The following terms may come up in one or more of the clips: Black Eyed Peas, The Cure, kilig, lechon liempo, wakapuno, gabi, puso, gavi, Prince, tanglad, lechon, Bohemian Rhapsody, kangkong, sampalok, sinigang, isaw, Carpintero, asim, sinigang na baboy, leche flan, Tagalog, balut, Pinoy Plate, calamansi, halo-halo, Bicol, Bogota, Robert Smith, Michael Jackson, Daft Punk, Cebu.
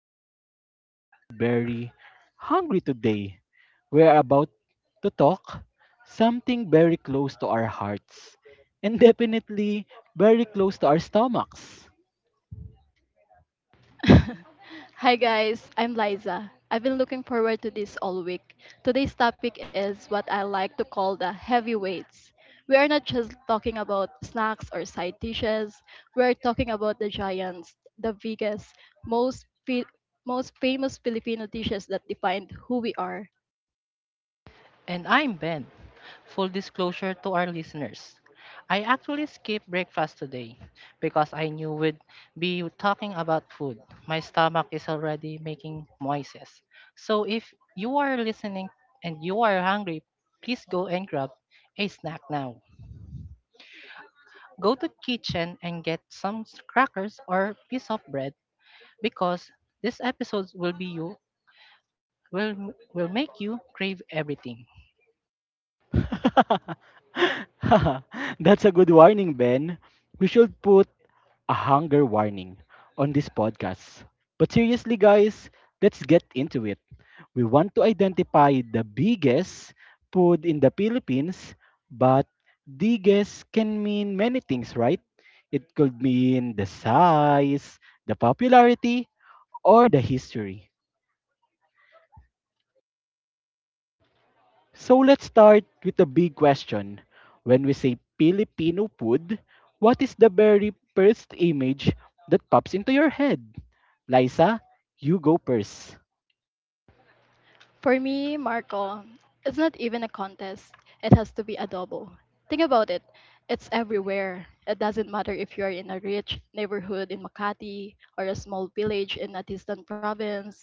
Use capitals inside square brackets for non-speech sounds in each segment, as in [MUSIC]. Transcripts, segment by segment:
am feeling very, very hungry today. We're about to talk something very close to our hearts and [LAUGHS] definitely very close to our stomachs. [LAUGHS] Hi guys, I'm Liza. I've been looking forward to this all week. Today's topic is what I like to call the heavyweights. We are not just talking about snacks or side dishes. We are talking about the giants, the biggest, most fi- most famous Filipino dishes that defined who we are. And I'm Ben. Full disclosure to our listeners. I actually skipped breakfast today because I knew we'd be talking about food. My stomach is already making noises. So if you are listening and you are hungry, please go and grab a snack now. Go to kitchen and get some crackers or piece of bread because this episode will will make you crave everything. [LAUGHS] That's a good warning, Ben. We should put a hunger warning on this podcast. But seriously, guys, let's get into it. We want to identify the biggest food in the Philippines, but biggest can mean many things, right? It could mean the size, the popularity, or the history. So let's start with the big question. When we say Filipino food, what is the very first image that pops into your head? Liza, you go first. For me, Marco, it's not even a contest. It has to be adobo. Think about it. It's everywhere. It doesn't matter if you are in a rich neighborhood in Makati or a small village in a distant province.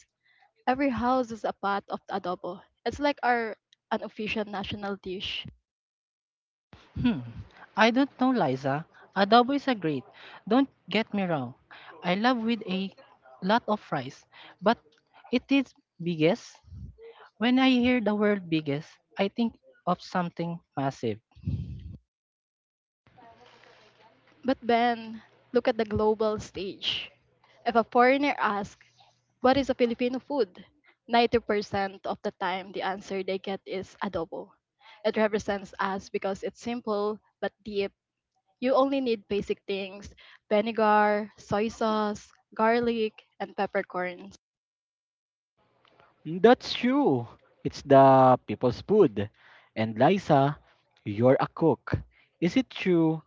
Every house is a pot of adobo. It's like our unofficial national dish. Hmm. I don't know, Liza. Adobo is a great. Don't get me wrong. I love with a lot of fries, but it is biggest. When I hear the word biggest, I think of something massive. But Ben, look at the global stage. If a foreigner asks, "What is a Filipino food?" 90% of the time, the answer they get is adobo. It represents us because it's simple but deep. You only need basic things: vinegar, soy sauce, garlic, and peppercorns. Mm, that's true. It's the people's food. And Liza, you're a cook. Is it true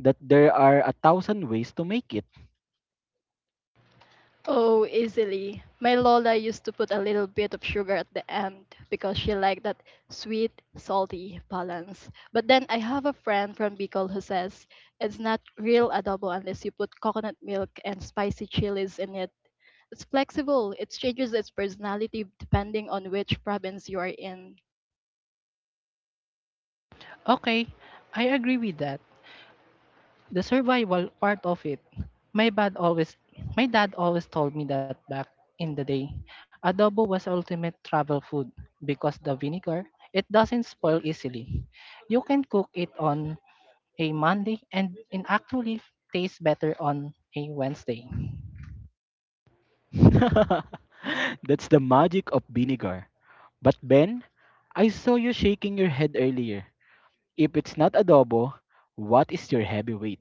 that there are a thousand ways to make it? Oh, easily. My Lola used to put a little bit of sugar at the end because she liked that sweet, salty balance. But then I have a friend from Bicol who says it's not real adobo unless you put coconut milk and spicy chilies in it. It's flexible. It changes its personality depending on which province you are in. Okay, I agree with that. The survival part of it. My dad always my dad always told me that back in the day, adobo was ultimate travel food because the vinegar, it doesn't spoil easily. You can cook it on a Monday and it actually tastes better on a Wednesday. [LAUGHS] That's the magic of vinegar. But Ben, I saw you shaking your head earlier. If it's not adobo, what is your heavyweight?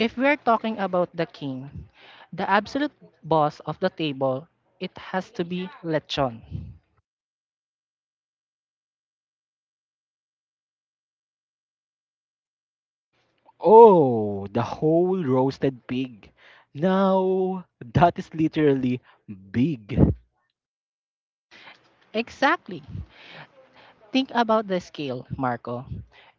If we're talking about the king, the absolute boss of the table, it has to be lechon. Oh, the whole roasted pig. No, that is literally big. Exactly. Think about the scale, Marco.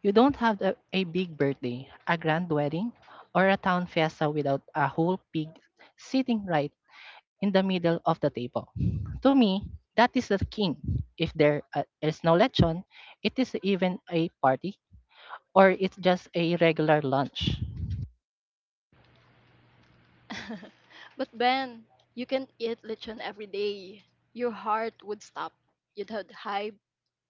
You don't have a big birthday, a grand wedding, or a town fiesta without a whole pig sitting right in the middle of the table. To me, that is the king. If there is no lechon, it is even a party or it's just a regular lunch. [LAUGHS] But Ben, you can eat lechon every day. Your heart would stop. You'd have high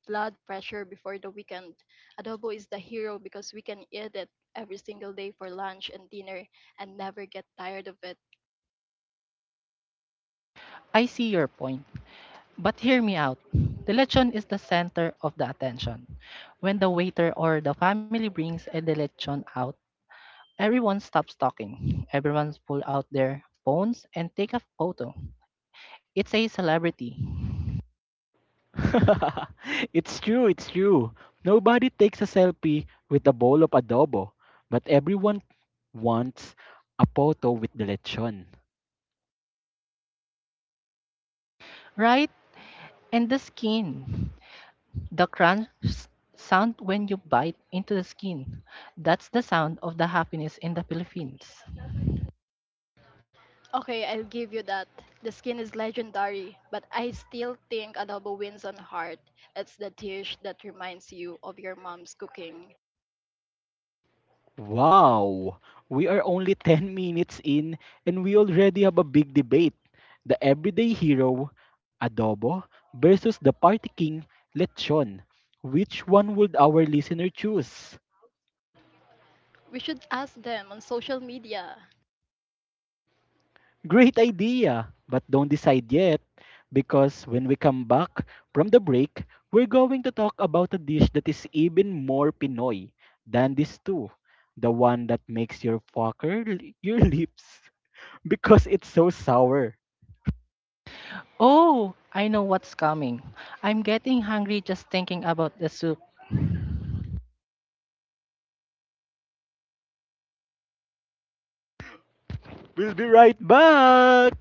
blood pressure before the weekend. Adobo is the hero because we can eat it every single day for lunch and dinner and never get tired of it. I see your point, but hear me out. The lechon is the center of the attention. When the waiter or the family brings a lechon out, everyone stops talking. Everyone's pull out their phones and take a photo. It's a celebrity, [LAUGHS] It's true, it's true. Nobody takes a selfie with a bowl of adobo, but everyone wants a photo with the lechon. right? And the skin. The crunch sound when you bite into the skin. That's the sound of the happiness in the Philippines. Okay, I'll give you that. The skin is legendary, but I still think adobo wins on heart. It's the dish that reminds you of your mom's cooking. Wow! We are only 10 minutes in and we already have a big debate. The everyday hero, adobo, versus the party king, lechon. Which one would our listener choose? We should ask them on social media. Great idea, but don't decide yet, because when we come back from the break, we're going to talk about a dish that is even more Pinoy than these two. The one that makes your your lips [LAUGHS] because it's so sour. Oh, I know what's coming. I'm getting hungry just thinking about the soup. We'll be right back.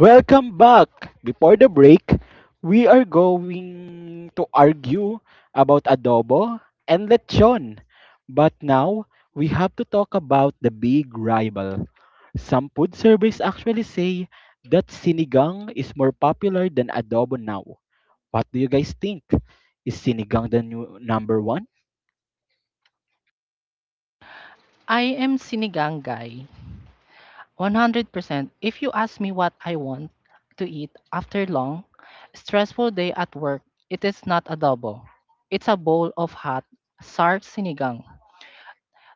Welcome back. Before the break, we are going to argue about adobo and lechon. But now, we have to talk about the big rival. Some food surveys actually say that sinigang is more popular than adobo now. What do you guys think? Is sinigang the new number one? I am sinigang guy. 100%. If you ask me what I want to eat after long, stressful day at work, it is not adobo. It's a bowl of hot, sour sinigang.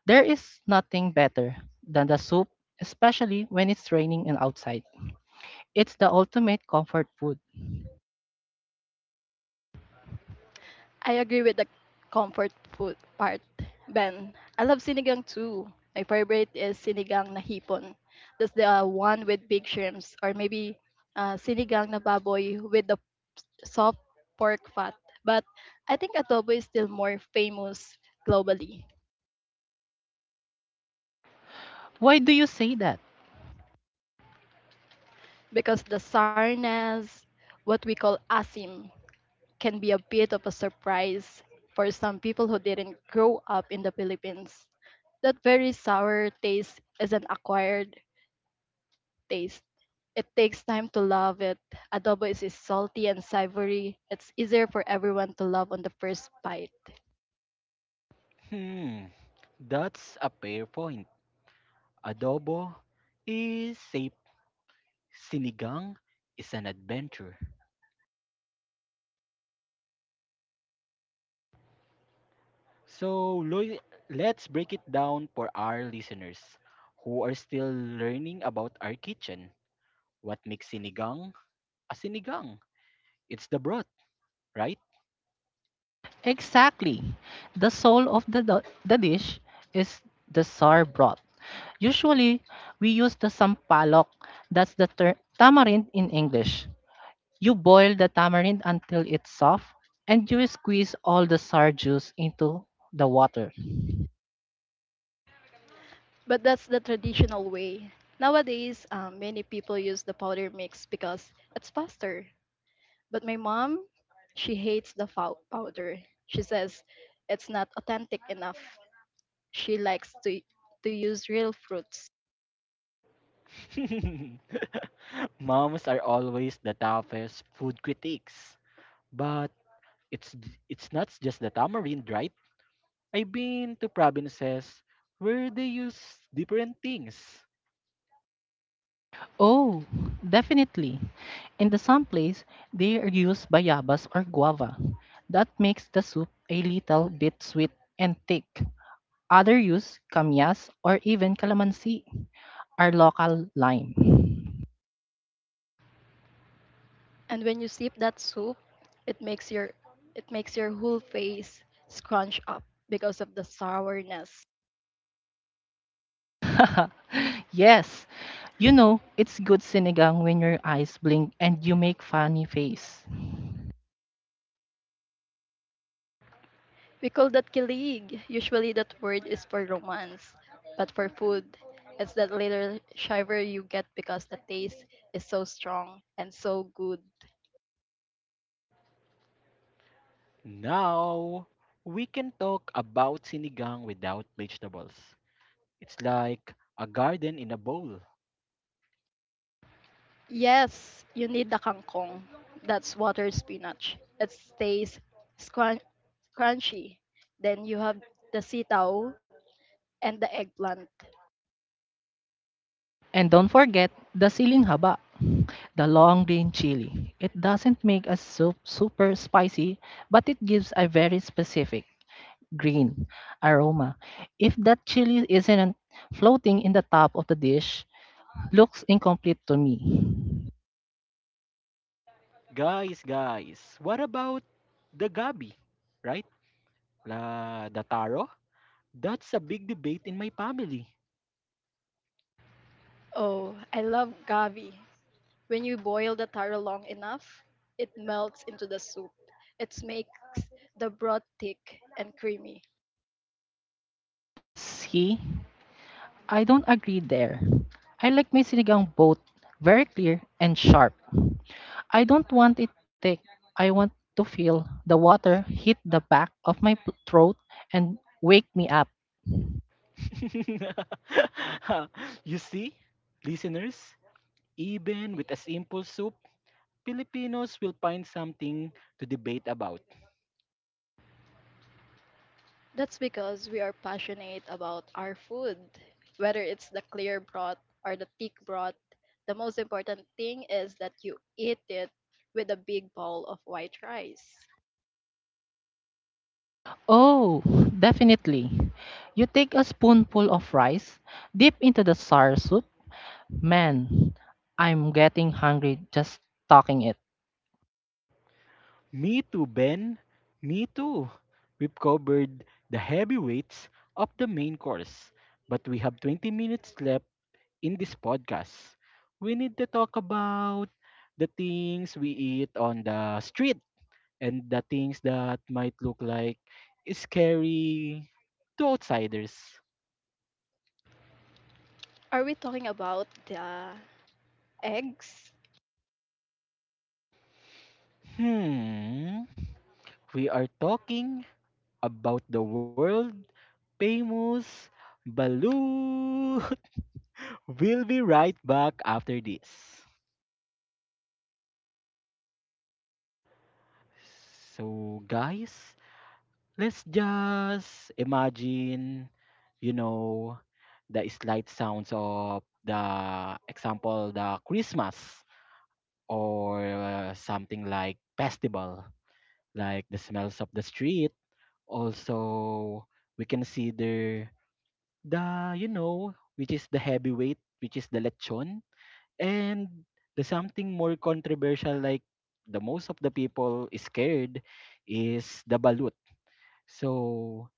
There is nothing better than the soup, especially when it's raining and outside. It's the ultimate comfort food. I agree with the comfort food part, Ben. I love sinigang too. My favorite is sinigang na hipon. That's the one with big shrimps, or maybe sinigang na baboy with the soft pork fat. But I think adobo is still more famous globally Why do you say that? because the sarnas, what we call asim, can be a bit of a surprise for some people who didn't grow up in the Philippines. That very sour taste is an acquired taste. It takes time to love it. Adobo is salty and savory. It's easier for everyone to love on the first bite. Hmm, that's a fair point. Adobo is safe. Sinigang is an adventure. So let's break it down for our listeners who are still learning about our kitchen. What makes sinigang a sinigang? It's the broth, right? Exactly. The soul of the dish is the sour broth. Usually, we use the sampalok, that's the tamarind in English. You boil the tamarind until it's soft, and you squeeze all the sour juice into the water. But that's the traditional way. Nowadays, many people use the powder mix because it's faster. But my mom, she hates the powder. She says it's not authentic enough. She likes to use real fruits. [LAUGHS] Moms are always the toughest food critics, but it's it's not just the tamarind, right? I've been to provinces where they use different things. Oh, definitely. In the some place, they use bayabas or guava. That makes the soup a little bit sweet and thick. Other use kamyas or even calamansi, our local lime. And when you sip that soup, it makes your it makes your whole face scrunch up because of the sourness. [LAUGHS] Yes, it's good sinigang when your eyes blink and you make funny face. We call that kilig. Usually that word is for romance, but for food, it's that little shiver you get because the taste is so strong and so good. Now, we can talk about sinigang without vegetables. It's like a garden in a bowl. Yes, you need the kangkong. That's water spinach. It stays scrun- crunchy. Then you have the sitaw and the eggplant. And don't forget the siling haba, the long green chili. It doesn't make a soup super spicy, but it gives a very specific green aroma. If that chili isn't floating in the top of the dish, looks incomplete to me. Guys, guys, what about the gabi? Right? La, the taro? That's a big debate in my family. Oh, I love gavi. When you boil the taro long enough, it melts into the soup. It makes the broth thick and creamy. See, I don't agree there. I like my sinigang both very clear and sharp. I don't want it thick. I want to feel the water hit the back of my throat and wake me up. [LAUGHS] You see, listeners, even with a simple soup, Filipinos will find something to debate about. That's because we are passionate about our food. Whether it's the clear broth or the thick broth, the most important thing is that you eat it with a big bowl of white rice. Oh, definitely. You take a spoonful of rice, dip into the sour soup. Man, I'm getting hungry just talking it. Me too, Ben. Me too. We've covered the heavyweights of the main course, but we have 20 minutes left in this podcast. We need to talk about the things we eat on the street and the things that might look like scary to outsiders. Are we talking about the eggs? Hmm. We are talking about the world famous Baloo. [LAUGHS] We'll be right back after this. So, guys, let's just imagine, you know, the slight sounds of the example, the Christmas or something like festival, like the smells of the street. Also, we consider the, which is the heavyweight, which is the lechon. And the something more controversial, like the most of the people is scared, is the balut. So,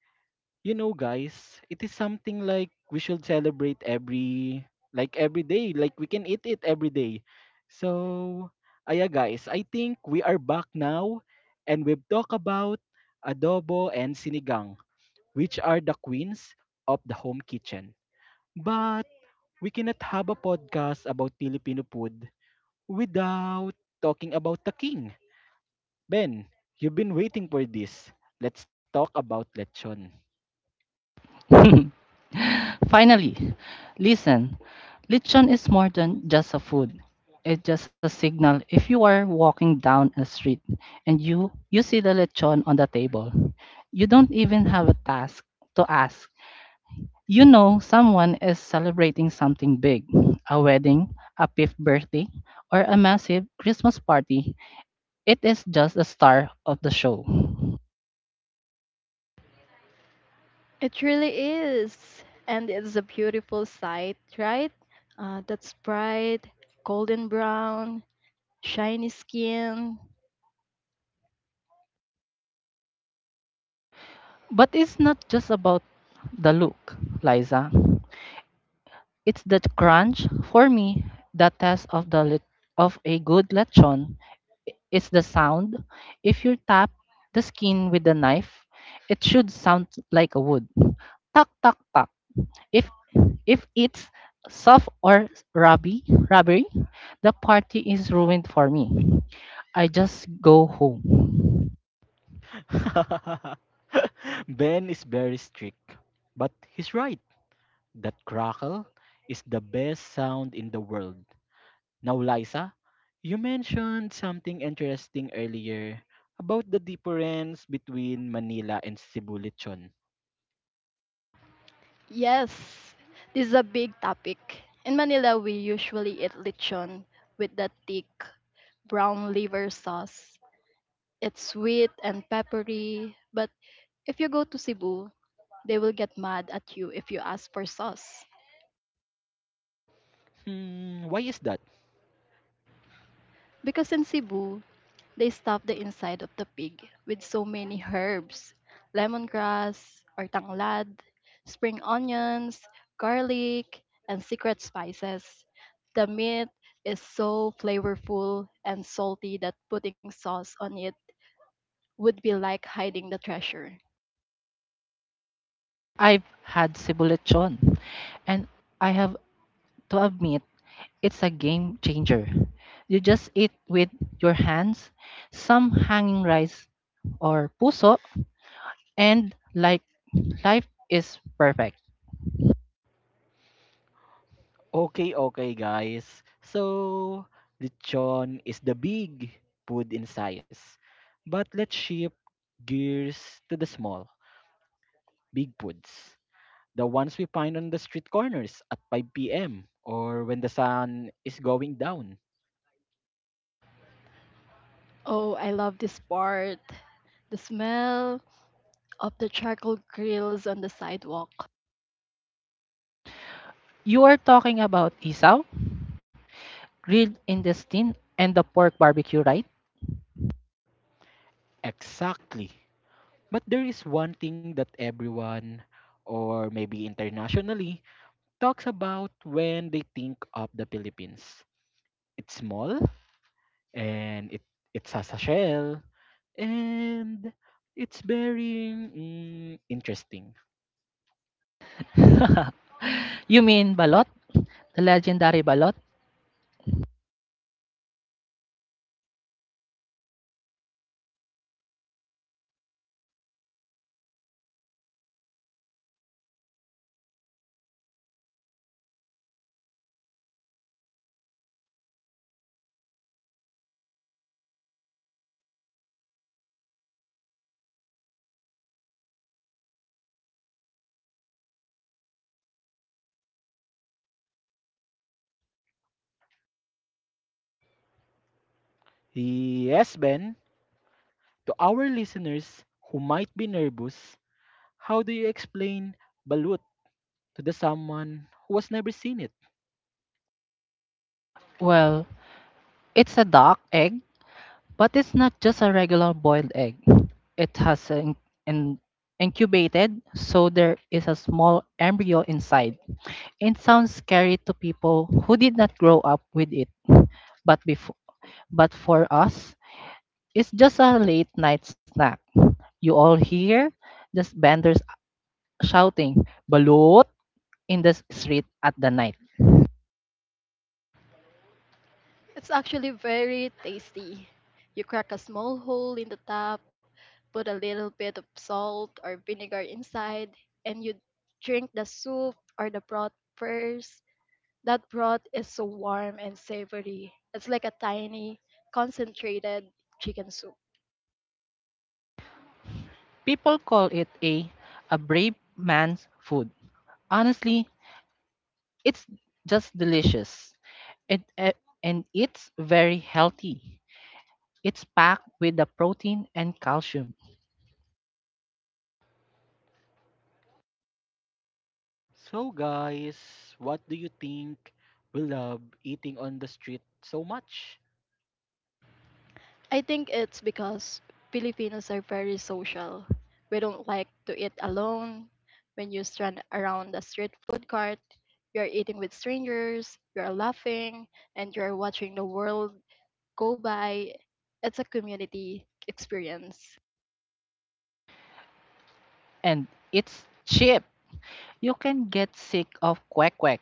guys, it is something like we should celebrate every, like every day. Like we can eat it every day. So, aya guys, I think we are back now, and we've talked about adobo and sinigang, which are the queens of the home kitchen. But we cannot have a podcast about Filipino food without talking about the king. Ben, you've been waiting for this. Let's talk about lechon. [LAUGHS] Finally, listen. Lechon is more than just a food. It's just a signal. If you are walking down a street and you see the lechon on the table, you don't even have a task to ask. You know someone is celebrating something big, a wedding, a fifth birthday, or a massive Christmas party. It is just a star of the show. It really is. And it's a beautiful sight, right? That's bright, golden brown, shiny skin. But it's not just about the look, Liza. It's that crunch for me, the test of a good lechon. It's the sound. If you tap the skin with a knife, it should sound like a wood. Tuck tuck tuck. If if it's soft or rubby, rubbery, the party is ruined for me. I just go home. [LAUGHS] Ben is very strict, but he's right. That crackle is the best sound in the world. Now, Liza, you mentioned something interesting earlier about the difference between Manila and Cebu lechon. Yes, this is a big topic. In Manila, we usually eat lechon with that thick brown liver sauce. It's sweet and peppery, but if you go to Cebu, they will get mad at you if you ask for sauce. Hmm, why is that? Because in Cebu, they stuffed the inside of the pig with so many herbs: lemongrass, or tanglad, spring onions, garlic, and secret spices. The meat is so flavorful and salty that putting sauce on it would be like hiding the treasure. I've had sibu lechon, and I have to admit it's a game changer. You just eat with your hands, some hanging rice or puso, and like life is perfect. Okay, okay, guys. So, lechon is the big food in size. But let's shift gears to the small, big foods. The ones we find on the street corners at 5 p.m. or when the sun is going down. Oh, I love this part. The smell of the charcoal grills on the sidewalk. You are talking about isaw, grilled intestine, and the pork barbecue, right? Exactly. But there is one thing that everyone, or maybe internationally, talks about when they think of the Philippines. It's small, and it it's has a shell and it's very mm, interesting. [LAUGHS] You mean balot? The legendary balot? Yes, Ben, to our listeners who might be nervous, how do you explain balut to the someone who has never seen it? Well, it's a duck egg. But it's not just a regular boiled egg. It has an incubated, so there is a small embryo inside. It sounds scary to people who did not grow up with it, but before, but for us, it's just a late night snack. You all hear the vendors shouting "balut" in the street at the night. It's actually very tasty. You crack a small hole in the top, put a little bit of salt or vinegar inside, and you drink the soup or the broth first. That broth is so warm and savory. It's like a tiny concentrated chicken soup. People call it a brave man's food. Honestly, it's just delicious. It, eh, and it's very healthy. It's packed with the protein and calcium. So guys, what do you think we love eating on the street so much? I think it's because Filipinos are very social. We don't like to eat alone. When you stand around the street food cart, you're eating with strangers, you're laughing, and you're watching the world go by. It's a community experience. And it's cheap. You can get sick of quack quack,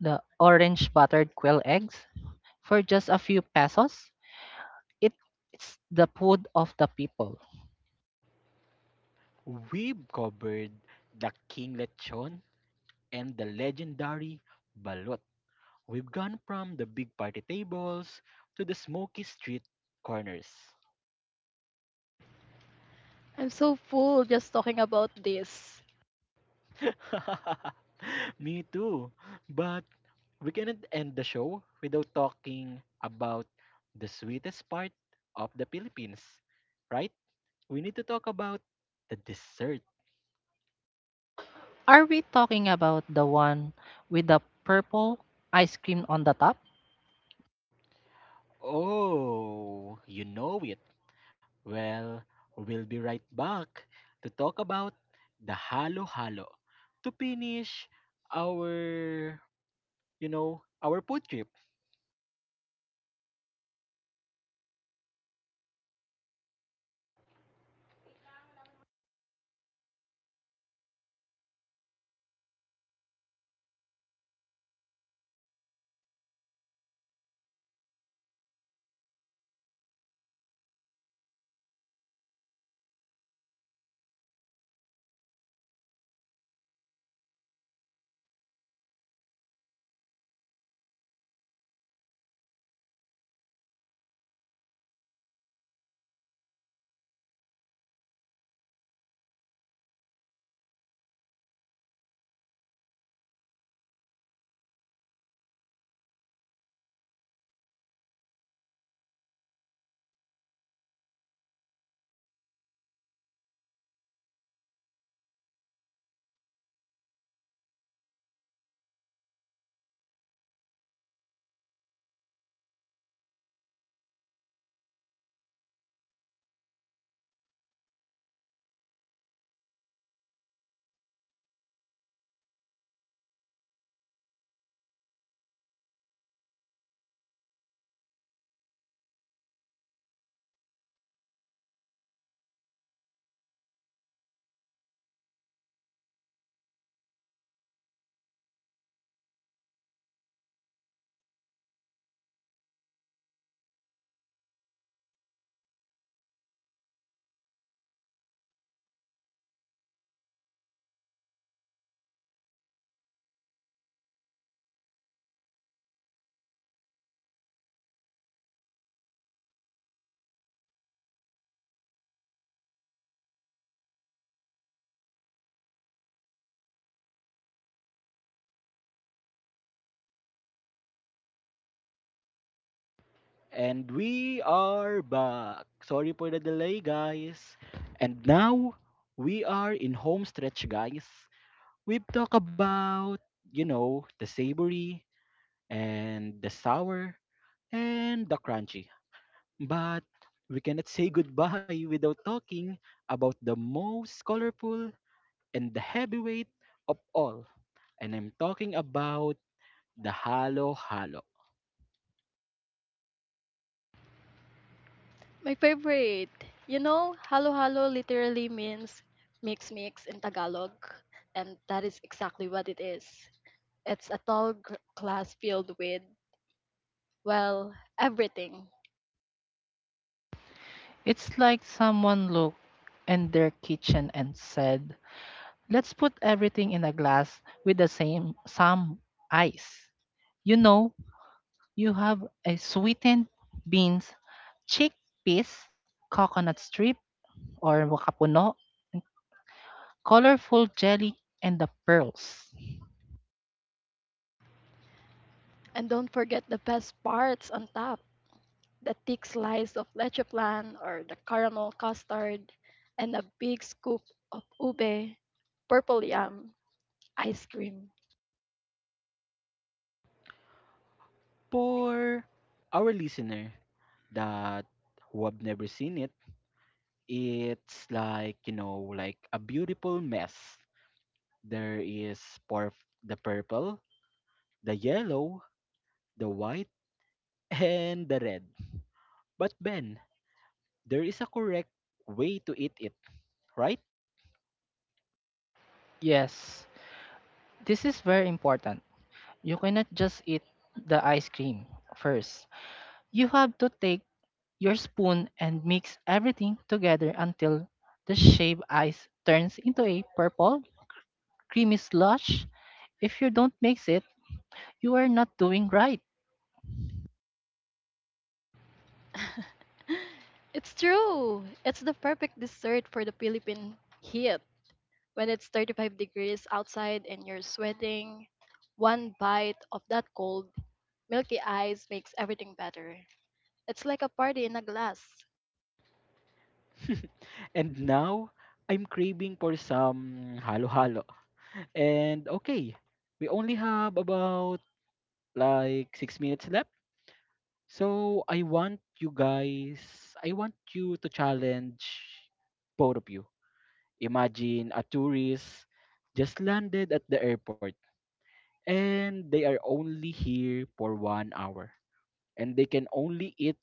the orange buttered quail eggs, for just a few pesos. It, it's the food of the people. We've covered the King Lechon and the legendary balut. We've gone from the big party tables to the smoky street corners. I'm so full just talking about this. [LAUGHS] Me too. But we cannot end the show without talking about the sweetest part of the Philippines, right? We need to talk about the dessert. Are we talking about the one with the purple ice cream on the top? Oh, you know it. Well, we'll be right back to talk about the halo halo to finish our, our food trip. And we are back. Sorry for the delay, guys. And now we are in home stretch, guys. We've talked about, the savory and the sour and the crunchy. But we cannot say [LAUGHS] goodbye without talking about the most colorful and the heavyweight of all. And I'm talking about the halo halo. My favorite. You know, halo-halo literally means mix mix in Tagalog, and that is exactly what it is. It's a tall glass filled with, well, everything. It's like someone looked in their kitchen and said, "Let's put everything in a glass with the same some ice." You know, you have a sweetened beans, chickpeas, coconut strip or wakapuno, colorful jelly, and the pearls. And don't forget the best parts on top: the thick slice of leche plan, or the caramel custard, and a big scoop of ube, purple yam. Ice cream. For our listener that who have never seen it, it's like, like a beautiful mess. There is porf- the purple, the yellow, the white, [LAUGHS] and the red. But Ben, there is a correct way to eat it, right? [LAUGHS] Yes, this is very important. You cannot just eat the ice cream first. You have to take your spoon and mix everything together until the shaved ice turns into a purple, creamy slush. If you don't mix it, you are not doing right. [LAUGHS] It's true. It's the perfect dessert for the Philippine heat. When it's 35 degrees outside and you're sweating, one bite of that cold, milky ice makes everything better. It's like a party in a glass. And now, I'm craving for some halo-halo. And okay, we only have about like 6 minutes left. So I want you guys, I want you to challenge both of you. Imagine a tourist just landed at the airport and they are only here for 1 hour. And they can only eat,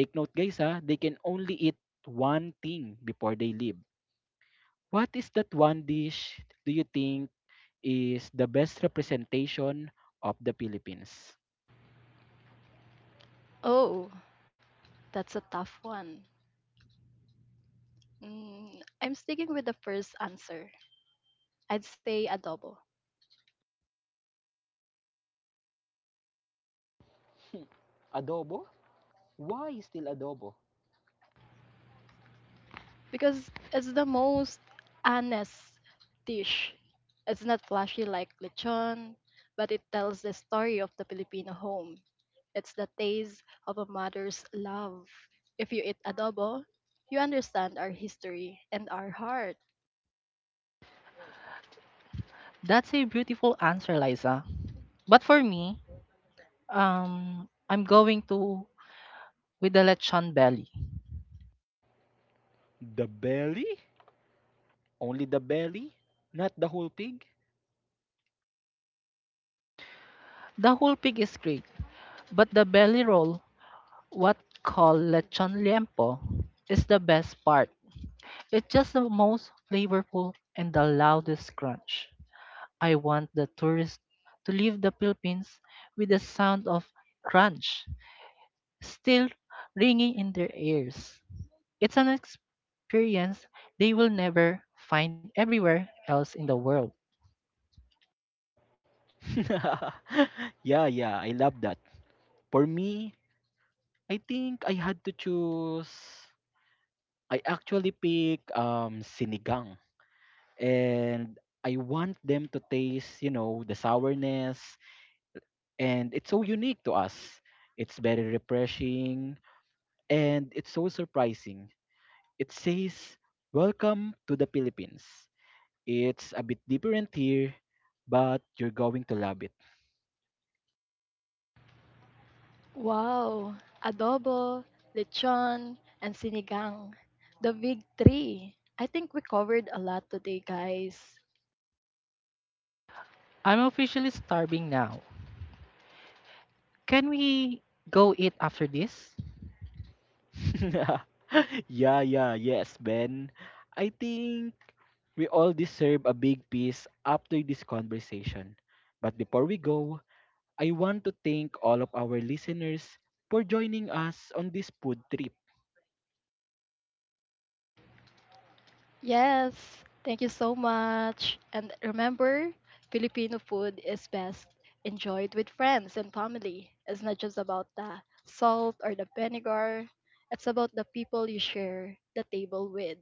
take note guys ha, they can only eat one thing before they leave. What is that one dish do you think is the best representation of the Philippines? Oh, that's a tough one. I'm sticking with the first answer. I'd say adobo, Hmm, adobo? Why still adobo? because it's the most honest dish. It's not flashy like lechon, but it tells the story of the Filipino home. It's the taste of a mother's love. If you eat adobo, you understand our history and our heart. That's a beautiful answer, Liza. But for me, I'm going to with the lechon belly. The belly? Only the belly, not the whole pig. The whole pig is great, but the belly roll, what called lechon liempo, is the best part. It's just the most flavorful and the loudest crunch. I want the tourists to leave the Philippines with the sound of crunch still ringing in their ears. It's an experience they will never find everywhere else in the world. [LAUGHS] Yeah, yeah, I love that. For me, I think I had to choose. I actually pick sinigang, and I want them to taste, the sourness, and it's so unique to us. It's very refreshing, and it's so surprising. It says, "Welcome to the Philippines." It's a bit different here, but you're going to love it. Wow, adobo, lechon, and sinigang. The big three. I think we covered a lot today, guys. I'm officially starving now. Can we go eat after this? [LAUGHS] Yeah, yeah, yes, Ben. I think we all deserve a big piece after this conversation. But before we go, I want to thank all of our listeners for joining us on this food trip. Yes, thank you so much. And remember, Filipino food is best enjoyed with friends and family. It's not just about the salt or the vinegar, it's about the people you share the table with.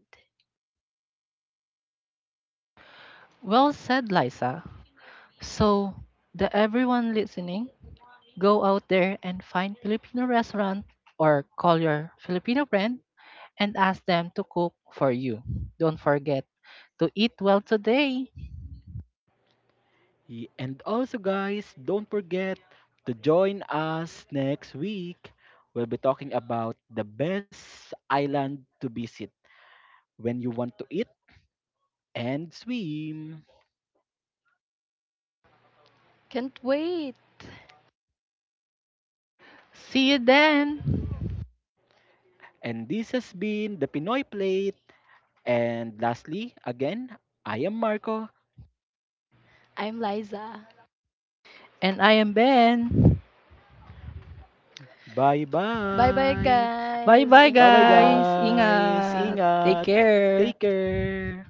Well said, Liza. So, the everyone listening, go out there and find Filipino restaurant or call your Filipino friend and ask them to cook for you. Don't forget to eat well today. And also, guys, don't forget to join us next week. We'll be talking about the best island to visit when you want to eat and swim. Can't wait! See you then. And this has been the Pinoy Plate. And lastly, again, I am Marco. I'm Liza. And I am Ben. Bye Bye bye, bye. Bye guys. bye, Bye bye, Ingat. guys. guys. Ingat. Take Ingat. care. Take care.